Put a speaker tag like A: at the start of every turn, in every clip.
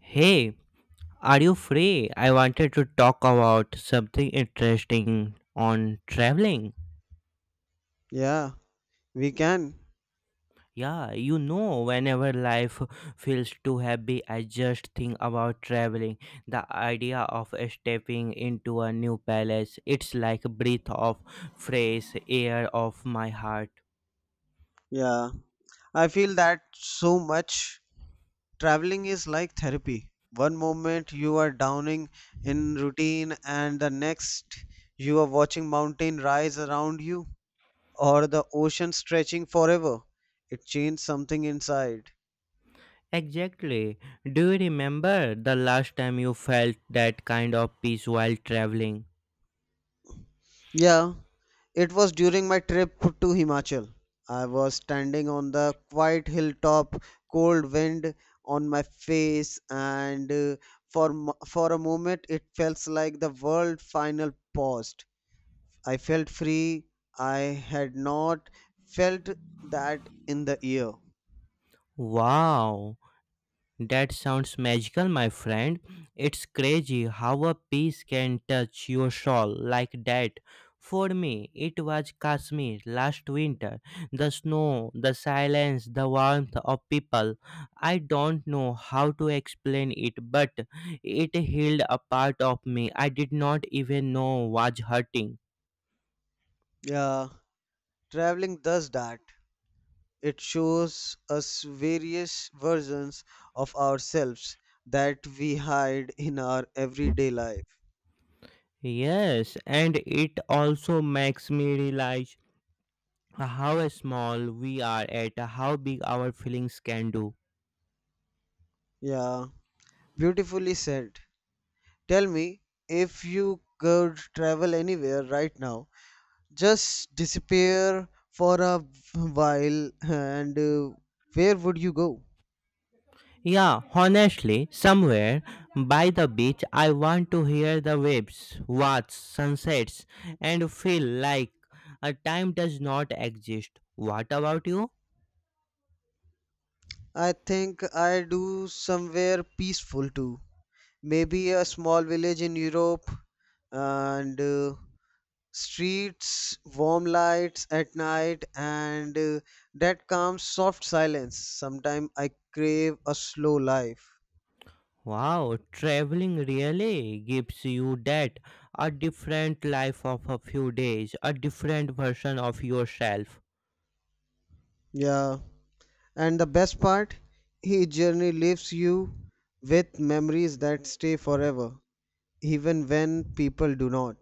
A: Hey, are you free? I wanted to talk about something interesting on traveling.
B: Yeah, we can.
A: Yeah, you know, whenever life feels too heavy, I just think about traveling. The idea of stepping into a new palace, it's like a breath of fresh air of my heart.
B: Yeah, I feel that so much. Traveling is like therapy. One moment you are downing in routine, and the next you are watching mountain rise around you or the ocean stretching forever. It changed something inside.
A: Exactly. Do you remember the last time you felt that kind of peace while traveling?
B: Yeah, it was during my trip to Himachal. I was standing on the quiet hilltop, cold wind on my face, and for a moment it felt like the world final paused. I felt free. I had not felt that in the year.
A: Wow. That sounds magical, my friend. It's crazy how a piece can touch your soul like that. For me, it was Kashmir last winter. The snow, the silence, the warmth of people. I don't know how to explain it, but it healed a part of me I did not even know was hurting.
B: Yeah, traveling does that. It shows us various versions of ourselves that we hide in our everyday life.
A: Yes, and it also makes me realize how small we are at how big our feelings can do.
B: Yeah. Beautifully said. Tell me, if you could travel anywhere right now, just disappear for a while, and where would you go?
A: Yeah, honestly, somewhere by the beach, I want to hear the waves, watch sunsets, and feel like a time does not exist. What about you?
B: I think I do somewhere peaceful too. Maybe a small village in Europe and streets, warm lights at night, and that calm, soft silence. Sometimes I crave a slow life.
A: Wow, traveling really gives you that a different life of a few days, a different version of yourself.
B: Yeah. And the best part, each journey leaves you with memories that stay forever, even when people do not.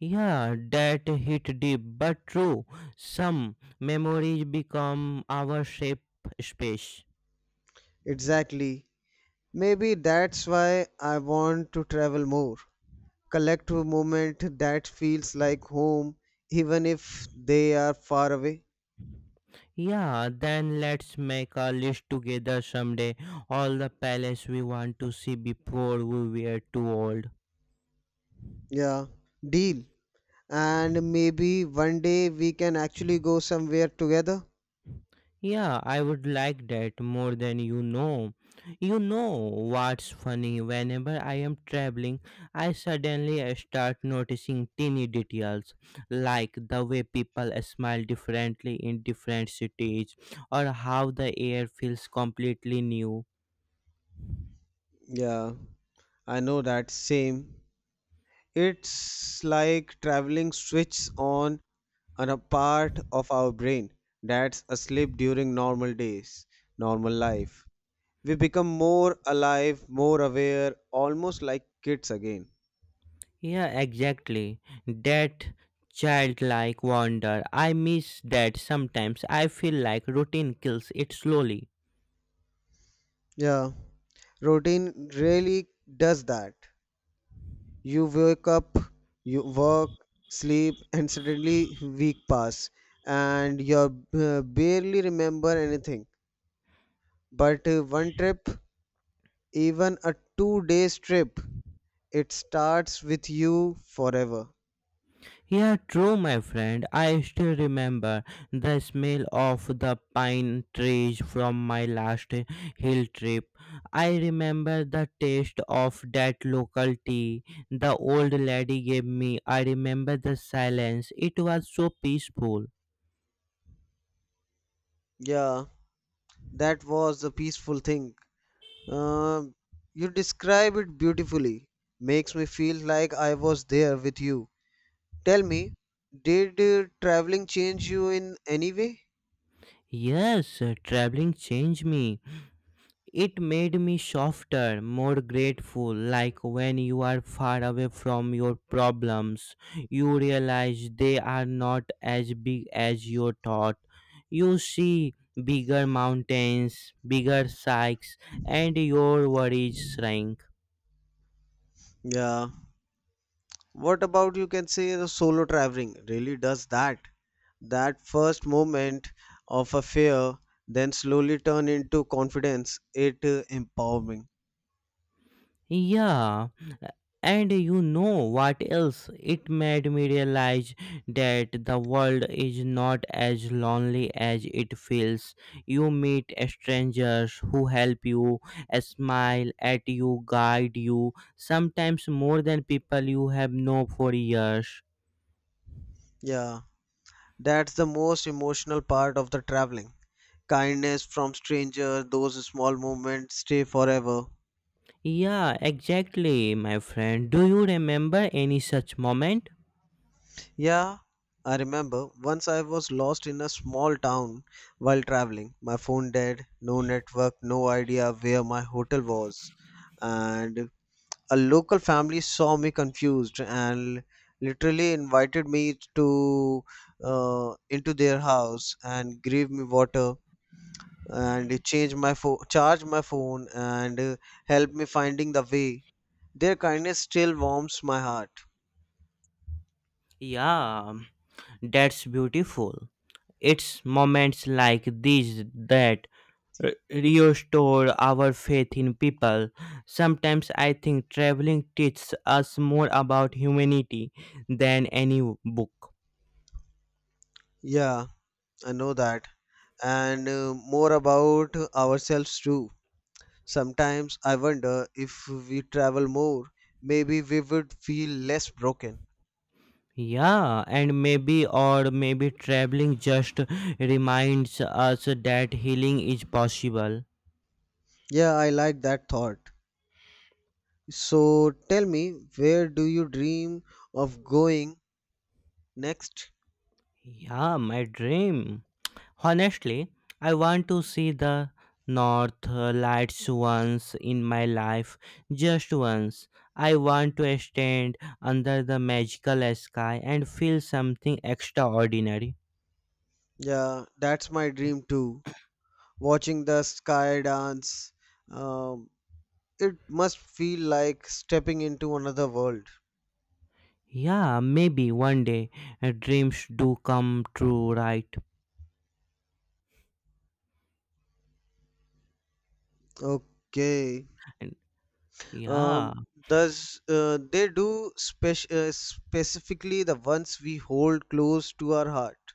A: Yeah, that hit deep but true. Some memories become our shape space.
B: Exactly. Maybe that's why I want to travel more. Collect a moment that feels like home, even if they are far away.
A: Yeah, then let's make a list together someday. All the palace we want to see before we were too old.
B: Yeah, deal. And maybe one day we can actually go somewhere together.
A: Yeah, I would like that more than you know. You know what's funny? Whenever I am traveling, I suddenly start noticing teeny details like the way people smile differently in different cities or how the air feels completely new.
B: Yeah, I know that same. It's like traveling switches on a part of our brain that's asleep during normal days, normal life. We become more alive, more aware, almost like kids again.
A: Yeah, exactly. That childlike wonder. I miss that sometimes. I feel like routine kills it slowly.
B: Yeah, routine really does that. You wake up, you work, sleep, and suddenly week pass, and you barely remember anything. But one trip, even a 2 days trip, it starts with you forever.
A: Yeah, true, my friend. I still remember the smell of the pine trees from my last hill trip. I remember the taste of that local tea the old lady gave me. I remember the silence. It was so peaceful.
B: Yeah, that was the peaceful thing. Uh, you describe it beautifully. Makes me feel like I was there with you. Tell me, did traveling change you in any way?
A: Yes, traveling changed me. It made me softer, more grateful, like when you are far away from your problems, you realize they are not as big as you thought. You see bigger mountains, bigger sykes, and your worries shrink.
B: Yeah. What about you can say the solo traveling really does that. That first moment of a fear, then slowly turn into confidence. It empowering.
A: Yeah, and you know what else? It made me realize that the world is not as lonely as it feels. You meet strangers who help you, smile at you, guide you, sometimes more than people you have known for years.
B: Yeah. That's the most emotional part of the traveling. Kindness from stranger. Those small moments stay forever.
A: Yeah, exactly, my friend. Do you remember any such moment?
B: Yeah, I remember once I was lost in a small town while traveling. My phone dead, no network, no idea where my hotel was. And a local family saw me confused and literally invited me to into their house and gave me water and changed my phone, charged my phone and helped me finding the way. Their kindness still warms my heart.
A: Yeah, that's beautiful. It's moments like these that restore our faith in people. Sometimes I think traveling teaches us more about humanity than any book.
B: Yeah, I know that. And more about ourselves too. Sometimes I wonder if we travel more, maybe we would feel less broken.
A: Yeah, and maybe or maybe traveling just reminds us that healing is possible.
B: Yeah, I like that thought. So tell me, where do you dream of going next?
A: Yeah, my dream. Honestly, I want to see the north lights once in my life, just once. I want to stand under the magical sky and feel something extraordinary.
B: Yeah, that's my dream too. Watching the sky dance. Um, it must feel like stepping into another world.
A: Yeah, maybe one day dreams do come true, right?
B: Okay.
A: And yeah.
B: um, does they do specifically the ones we hold close to our heart?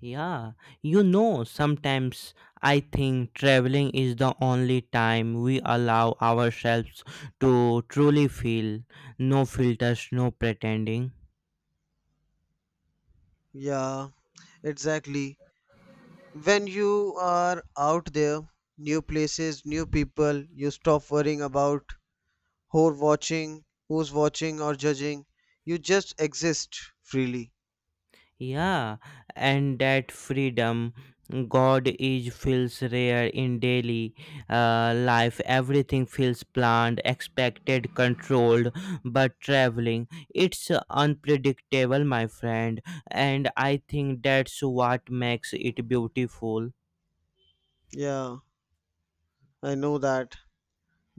A: Yeah, you know, sometimes I think traveling is the only time we allow ourselves to truly feel. No filters, no pretending.
B: Yeah, exactly. When you are out there, new places, new people, you stop worrying about who watching who's watching or judging. You just exist freely.
A: Yeah, and that freedom God is feels rare in daily life. Everything feels planned, expected, controlled. But traveling, it's unpredictable, my friend, and I think that's what makes it beautiful.
B: Yeah, I know that.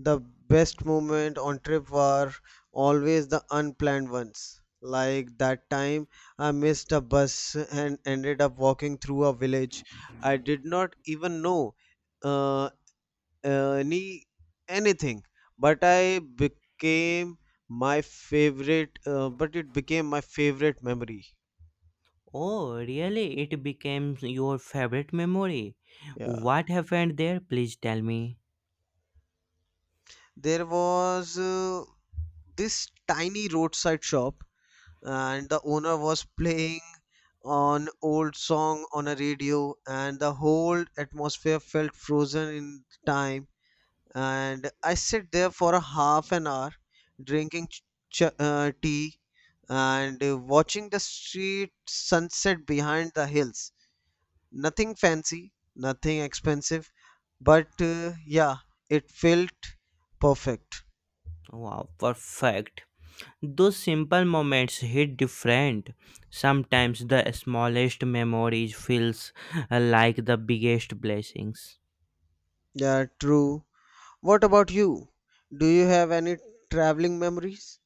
B: The best moment on trip were always the unplanned ones. Like that time I missed a bus and ended up walking through a village I did not even know uh, any anything, but I became my favorite. But it became my favorite memory.
A: Oh, really? It became your favorite memory.
B: Yeah,
A: What happened there? Please tell me.
B: there was this tiny roadside shop and the owner was playing on old song on a radio, and the whole atmosphere felt frozen in time, and I sat there for a half an hour drinking tea and watching the street sunset behind the hills. Nothing fancy, nothing expensive, but yeah, it felt perfect.
A: Wow, perfect. Those simple moments hit different. Sometimes the smallest memories feels like the biggest blessings.
B: Yeah, true. What about you? Do you have any traveling memories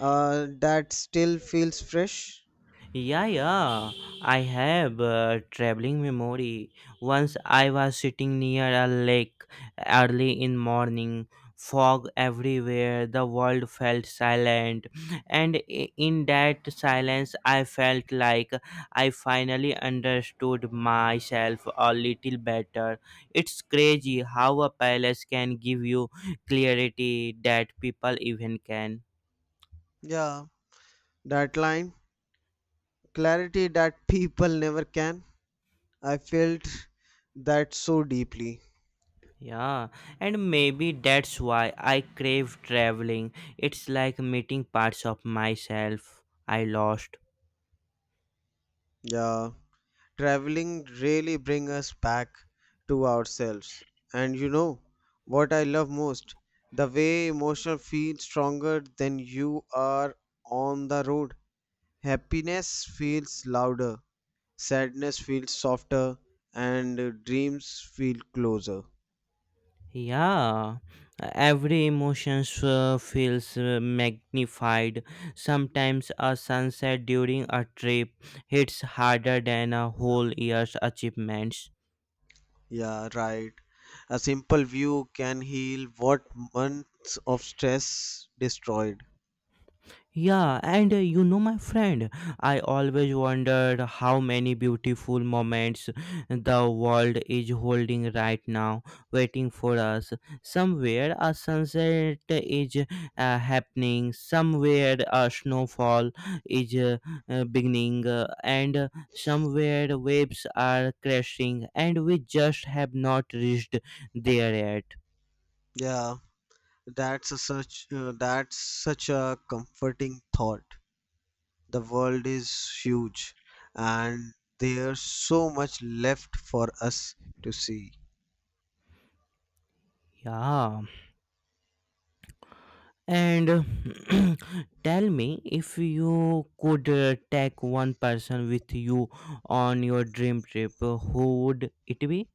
B: that still feels fresh?
A: Yeah, yeah. I have a traveling memory. Once I was sitting near a lake early in morning, fog everywhere, the world felt silent, and in that silence I felt like I finally understood myself a little better. It's crazy how a palace can give you clarity that people even can.
B: Yeah. That line, clarity that people never can. I felt that so deeply.
A: Yeah, and maybe that's why I crave traveling. It's like meeting parts of myself I lost.
B: Yeah, traveling really bring us back to ourselves. And you know what I love most? The way emotion feels stronger than you are on the road. Happiness feels louder, sadness feels softer, and dreams feel closer.
A: Yeah, every emotion feels magnified. Sometimes a sunset during a trip hits harder than a whole year's achievements.
B: Yeah, right. A simple view can heal what months of stress destroyed.
A: Yeah, and you know, my friend, I always wondered how many beautiful moments the world is holding right now, waiting for us. Somewhere a sunset is happening, somewhere a snowfall is beginning, and somewhere waves are crashing, and we just have not reached there yet.
B: Yeah, that's a such that's such a comforting thought. The world is huge, and there's so much left for us to see.
A: Yeah. And tell me if you could take one person with you on your dream trip, who would it be?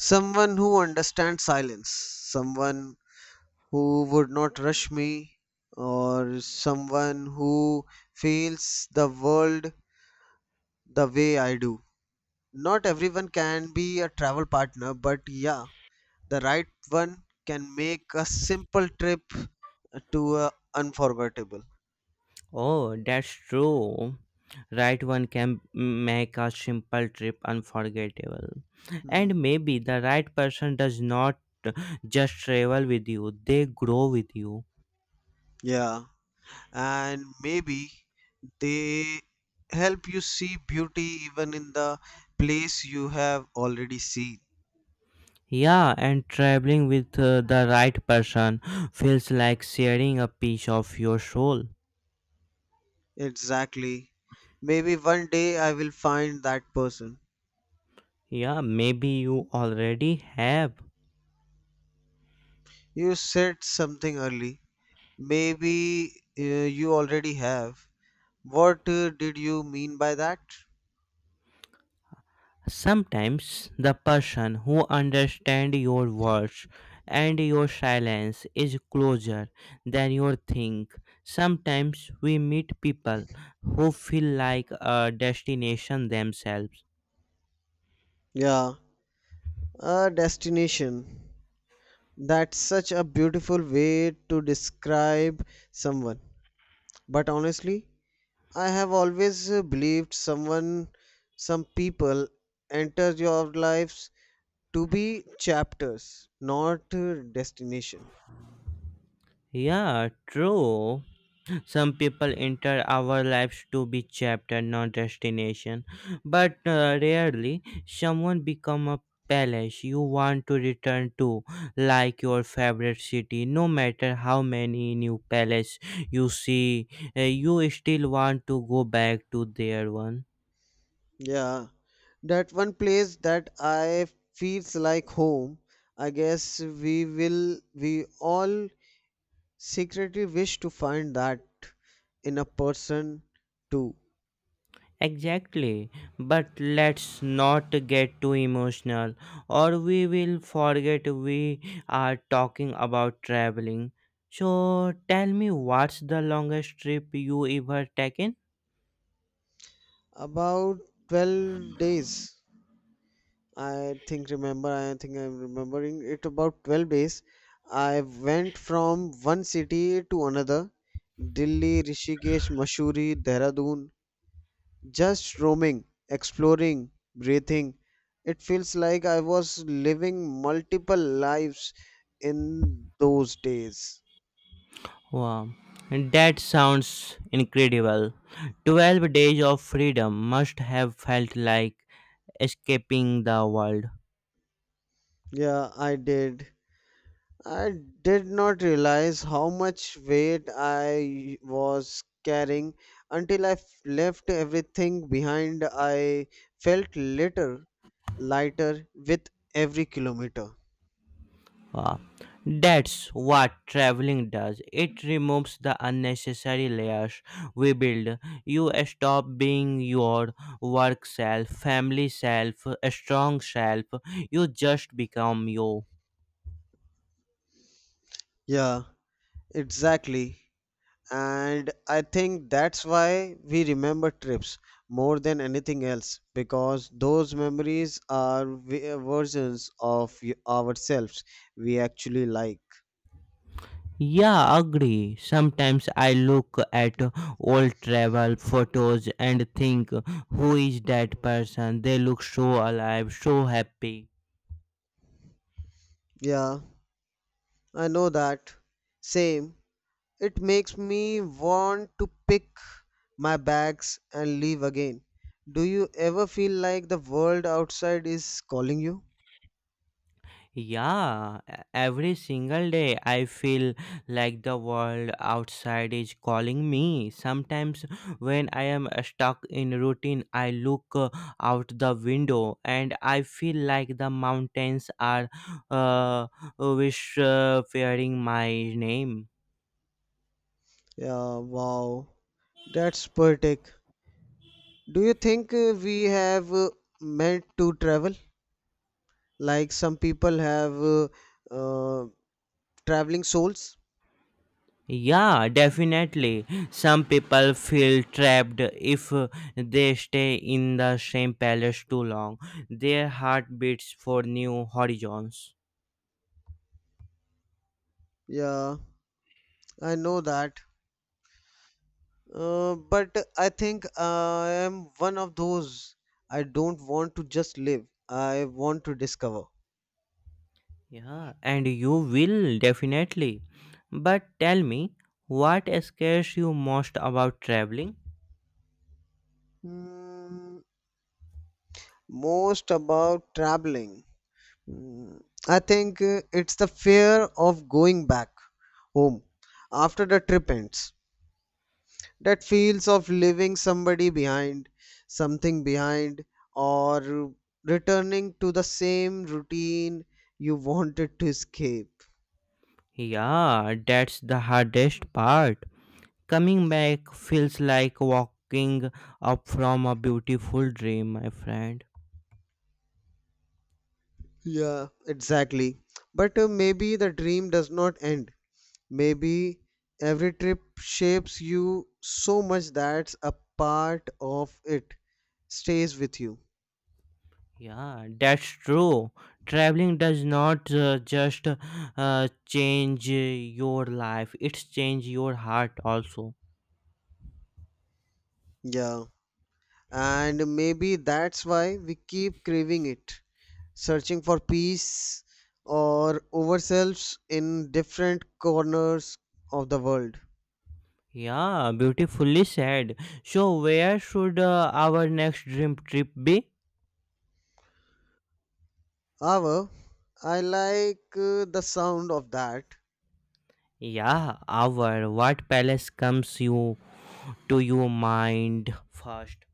B: Someone who understands silence, someone who would not rush me, or someone who feels the world the way I do. Not everyone can be a travel partner, but yeah, the right one can make a simple trip to unforgettable.
A: Oh, that's true. Right one can make a simple trip unforgettable.
B: Hmm.
A: And maybe the right person does not just travel with you, they grow with you.
B: Yeah, and maybe they help you see beauty even in the place you have already seen.
A: Yeah, and traveling with the right person feels like sharing a piece of your soul.
B: Exactly. Maybe one day I will find that person.
A: Yeah, maybe you already have.
B: You said something early. Maybe uh, you already have. What did you mean by that?
A: Sometimes the person who understands your words and your silence is closer than you think. Sometimes we meet people who feel like a destination themselves.
B: Yeah, a destination. That's such a beautiful way to describe someone. But honestly, I have always believed someone, some people enter your lives to be chapters, not destination.
A: Yeah, true. Some people enter our lives to be chapter, not destination. But rarely, someone become a palace you want to return to, like your favorite city. No matter how many new palace you see, you still want to go back to their one.
B: Yeah, that one place that I feels like home. I guess we all secretly wish to find that in a person too.
A: Exactly, but let's not get too emotional or we will forget we are talking about traveling. So tell me what's the longest trip you ever taken?
B: About 12 days, I think remember, I think I'm remembering it about 12 days. I went from one city to another: Delhi, Rishikesh, Mussoorie, Dehradun, just roaming, exploring, breathing. It feels like I was living multiple lives in those days.
A: Wow, that sounds incredible. 12 days of freedom must have felt like escaping the world.
B: Yeah, I did. I did not realize how much weight I was carrying until left everything behind. I felt lighter, lighter with every kilometer.
A: Uh, that's what traveling does. It removes the unnecessary layers we build. You stop being your work self, family self, a strong self. You just become you.
B: Yeah, exactly. And I think that's why we remember trips more than anything else, because those memories are versions of ourselves we actually like.
A: Yeah, agree. Sometimes I look at old travel photos and think, who is that person? They look so alive, so happy.
B: Yeah, I know that. Same. It makes me want to pick my bags and leave again. Do you ever feel like the world outside is calling you?
A: Yeah, every single day I feel like the world outside is calling me. Sometimes when I am stuck in routine, I look out the window and I feel like the mountains are uh, whispering my name.
B: Yeah, wow. That's poetic. Do you think we have meant to travel? Like some people have uh, traveling souls?
A: Yeah, definitely. Some people feel trapped if they stay in the same palace too long. Their heart beats for new horizons.
B: Yeah, I know that. But I think I am one of those. I don't want to just live, I want to discover.
A: Yeah, and you will definitely. But tell me, what scares you most about traveling?
B: Mm, most about traveling. Mm, I think it's the fear of going back home after the trip ends. That feels of leaving somebody behind, something behind, or returning to the same routine you wanted to escape.
A: Yeah, that's the hardest part. Coming back feels like walking up from a beautiful dream, my friend.
B: Yeah, exactly. But maybe the dream does not end. Maybe every trip shapes you so much that a part of it stays with you.
A: Yeah, that's true. Traveling does not just change your life, it's change your heart also.
B: Yeah. And maybe that's why we keep craving it, searching for peace or ourselves in different corners of the world.
A: Yeah, beautifully said. So, where should our next dream trip be?
B: However, I like the sound of that.
A: Yeah, our what palace comes you to your mind first?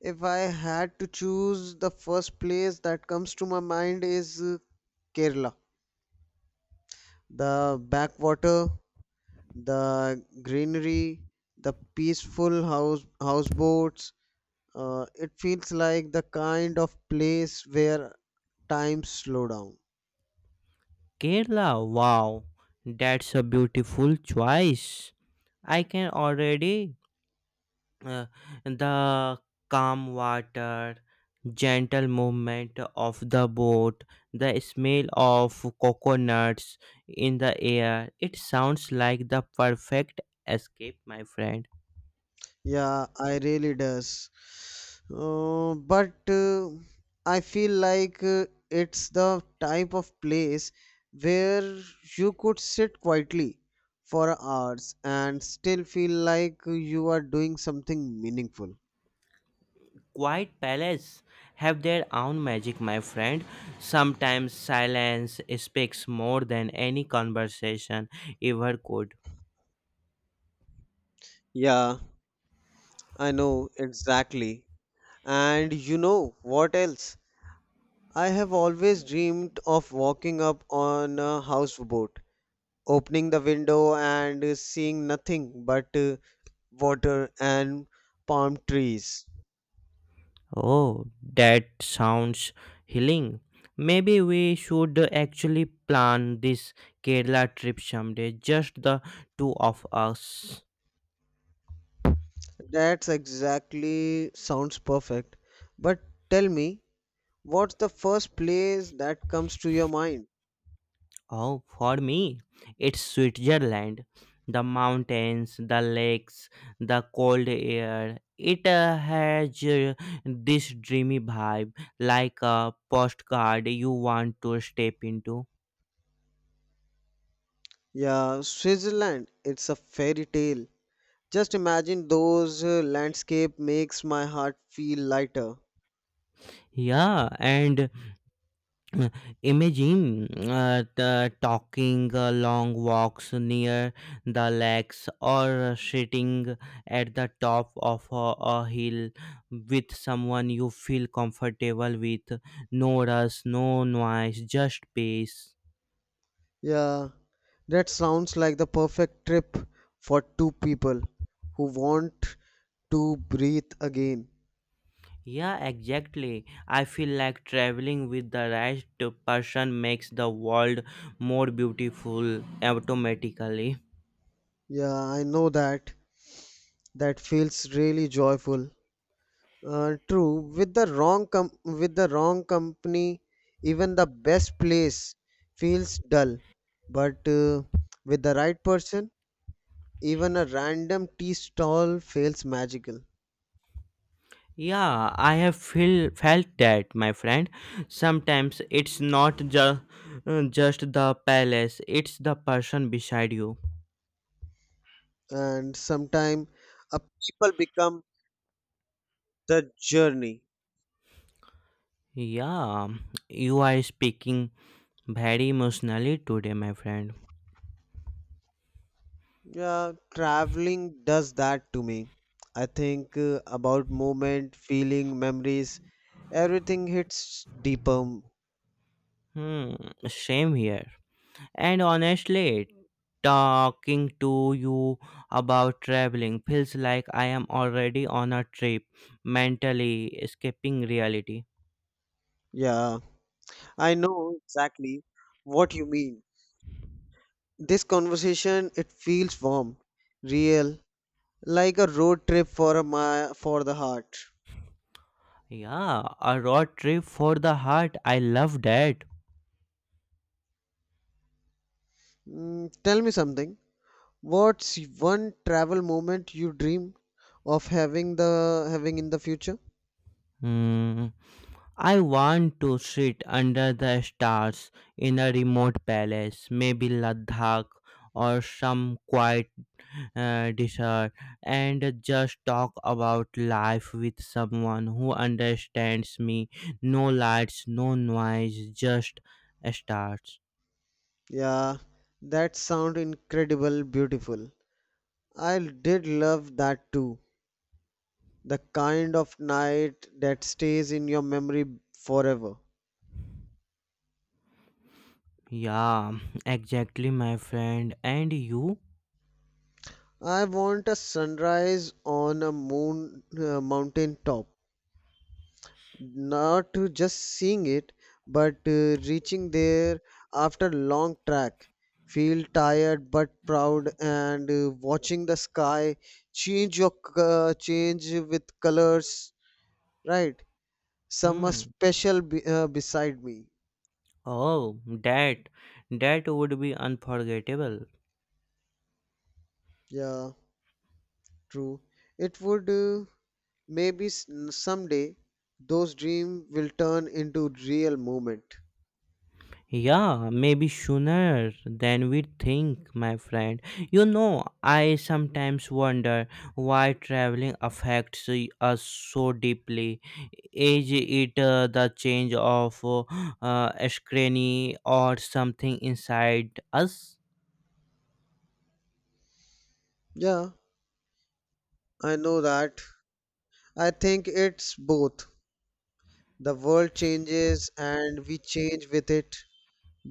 B: If I had to choose, the first place that comes to my mind is Kerala. The backwater, the greenery, the peaceful houseboats. It feels like the kind of place where time slow down.
A: Kerala. Wow, that's a beautiful choice. I can already uh, the calm water, gentle movement of the boat, the smell of coconuts in the air. It sounds like the perfect escape, my friend.
B: Yeah, I really does. But I feel like it's the type of place where you could sit quietly for hours and still feel like you are doing something meaningful.
A: Quiet palaces have their own magic, my friend. Sometimes silence speaks more than any conversation ever could.
B: Yeah. I know exactly. And you know what else? I have always dreamed of walking up on a houseboat, opening the window and seeing nothing but water and palm trees.
A: Oh, that sounds healing. Maybe we should actually plan this Kerala trip someday, just the two of us.
B: That's exactly sounds perfect. But tell me, what's the first place that comes to your mind?
A: Oh, for me, it's Switzerland. The mountains, the lakes, the cold air. It has this dreamy vibe, like a postcard you want to step into.
B: Yeah, Switzerland. It's a fairy tale. Just imagine those landscape makes my heart feel lighter.
A: Yeah, and Uh, imagine the talking long walks near the lakes or sitting at the top of a hill with someone you feel comfortable with. No rush, no noise, just peace.
B: Yeah, that sounds like the perfect trip for two people who want to breathe again.
A: Yeah, exactly. I feel like traveling with the right person makes the world more beautiful automatically.
B: Yeah, I know that. That feels really joyful. True. With the wrong company, even the best place feels dull. But with the right person, even a random tea stall feels magical.
A: Yeah, I have felt that, my friend. Sometimes it's not just the palace, it's the person beside you.
B: And sometimes a people become the journey.
A: Yeah, you are speaking very emotionally today, my friend.
B: Yeah, traveling does that to me. I think about moment feeling memories, everything hits deeper.
A: Hmm, same here. And honestly, talking to you about traveling feels like I am already on a trip, mentally escaping reality.
B: Yeah, I know exactly what you mean. This conversation, it feels warm, real, like a road trip for a my for the heart.
A: Yeah, a road trip for the heart. I love that.
B: Mm, tell me something. What's one travel moment you dream of having in the future?
A: Hmm, I want to sit under the stars in a remote palace, maybe Ladakh or some quiet desert, and just talk about life with someone who understands me. No lights, no noise, just stars.
B: Yeah, that sound incredible beautiful. I did love that too. The kind of night that stays in your memory forever.
A: Yeah, exactly, my friend. And you?
B: I want a sunrise on a moon mountain top, not to just seeing it but reaching there after long track, feel tired but proud, and watching the sky change with colors, right, some are
A: Hmm.
B: special beside me.
A: Oh, that would be unforgettable.
B: Yeah, true. It would maybe someday those dream will turn into real moment.
A: Yeah, maybe sooner than we think, my friend. You know, I sometimes wonder why traveling affects us so deeply. Is it the change of screen or something inside us?
B: Yeah, I know that. I think it's both. The world changes and we change with it.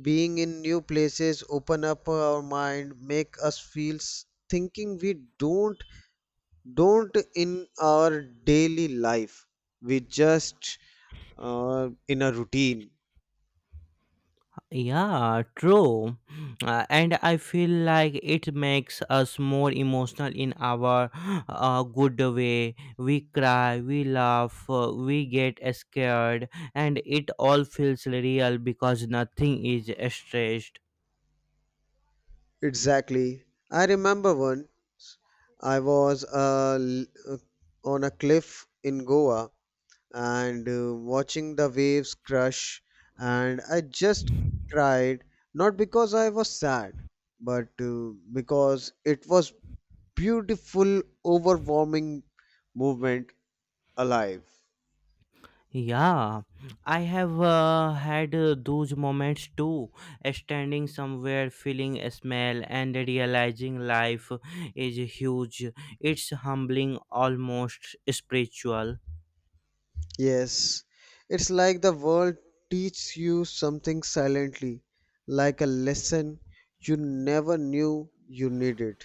B: Being in new places open up our mind, make us feel thinking we don't in our daily life. We just in a routine.
A: Yeah, true. And I feel like it makes us more emotional in our good way. We cry, we laugh, we get scared, and it all feels real because nothing is staged.
B: Exactly. I remember once I was uh, on a cliff in Goa and watching the waves crush, and I just cried, not because I was sad but because it was beautiful, overwhelming, movement, alive.
A: Yeah, I have had those moments too, standing somewhere, feeling a smell, and realizing life is huge. It's humbling, almost spiritual.
B: Yes, it's like the world teaches you something silently, like a lesson you never knew you needed.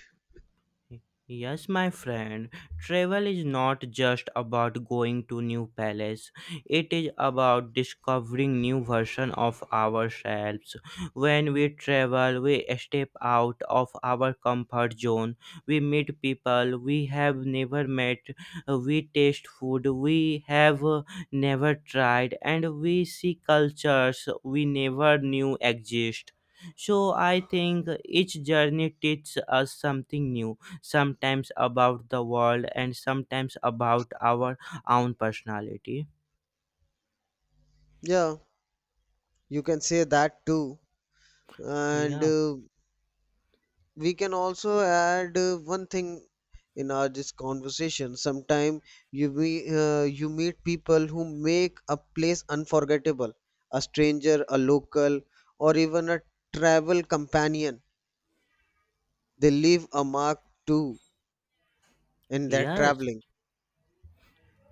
A: Yes, my friend, travel is not just about going to new palace. It is about discovering new version of ourselves. When we travel, we step out of our comfort zone. We meet people we have never met. We taste food we have never tried and we see cultures we never knew exist. So I think each journey teaches us something new sometimes about the world, and sometimes about our own personality.
B: Yeah, you can say that too. And
A: Yeah.
B: we can also add one thing in our this conversation. Sometime you meet people who make a place unforgettable, a stranger, a local, or even a travel companion. They leave a mark too in their
A: Yes.
B: traveling.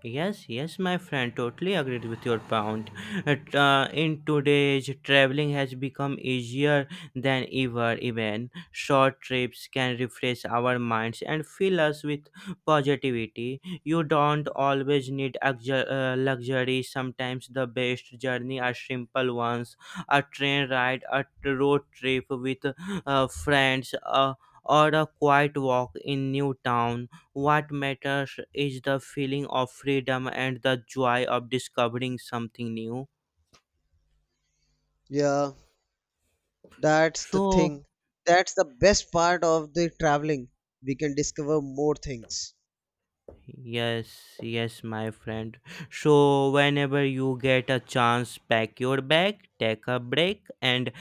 A: Yes, my friend, totally agreed with your point. At, in today's traveling has become easier than ever. Even short trips can refresh our minds and fill us with positivity. You don't always need luxury. Sometimes the best journey are simple ones: a train ride, road trip with friends, or a quiet walk in new town what matters is the feeling of freedom and the joy of discovering something new.
B: Yeah, that's the
A: So,
B: thing. That's the best part of the traveling. We can discover more things.
A: yes, my friend. So, whenever you get a chance, pack your bag, take a break, and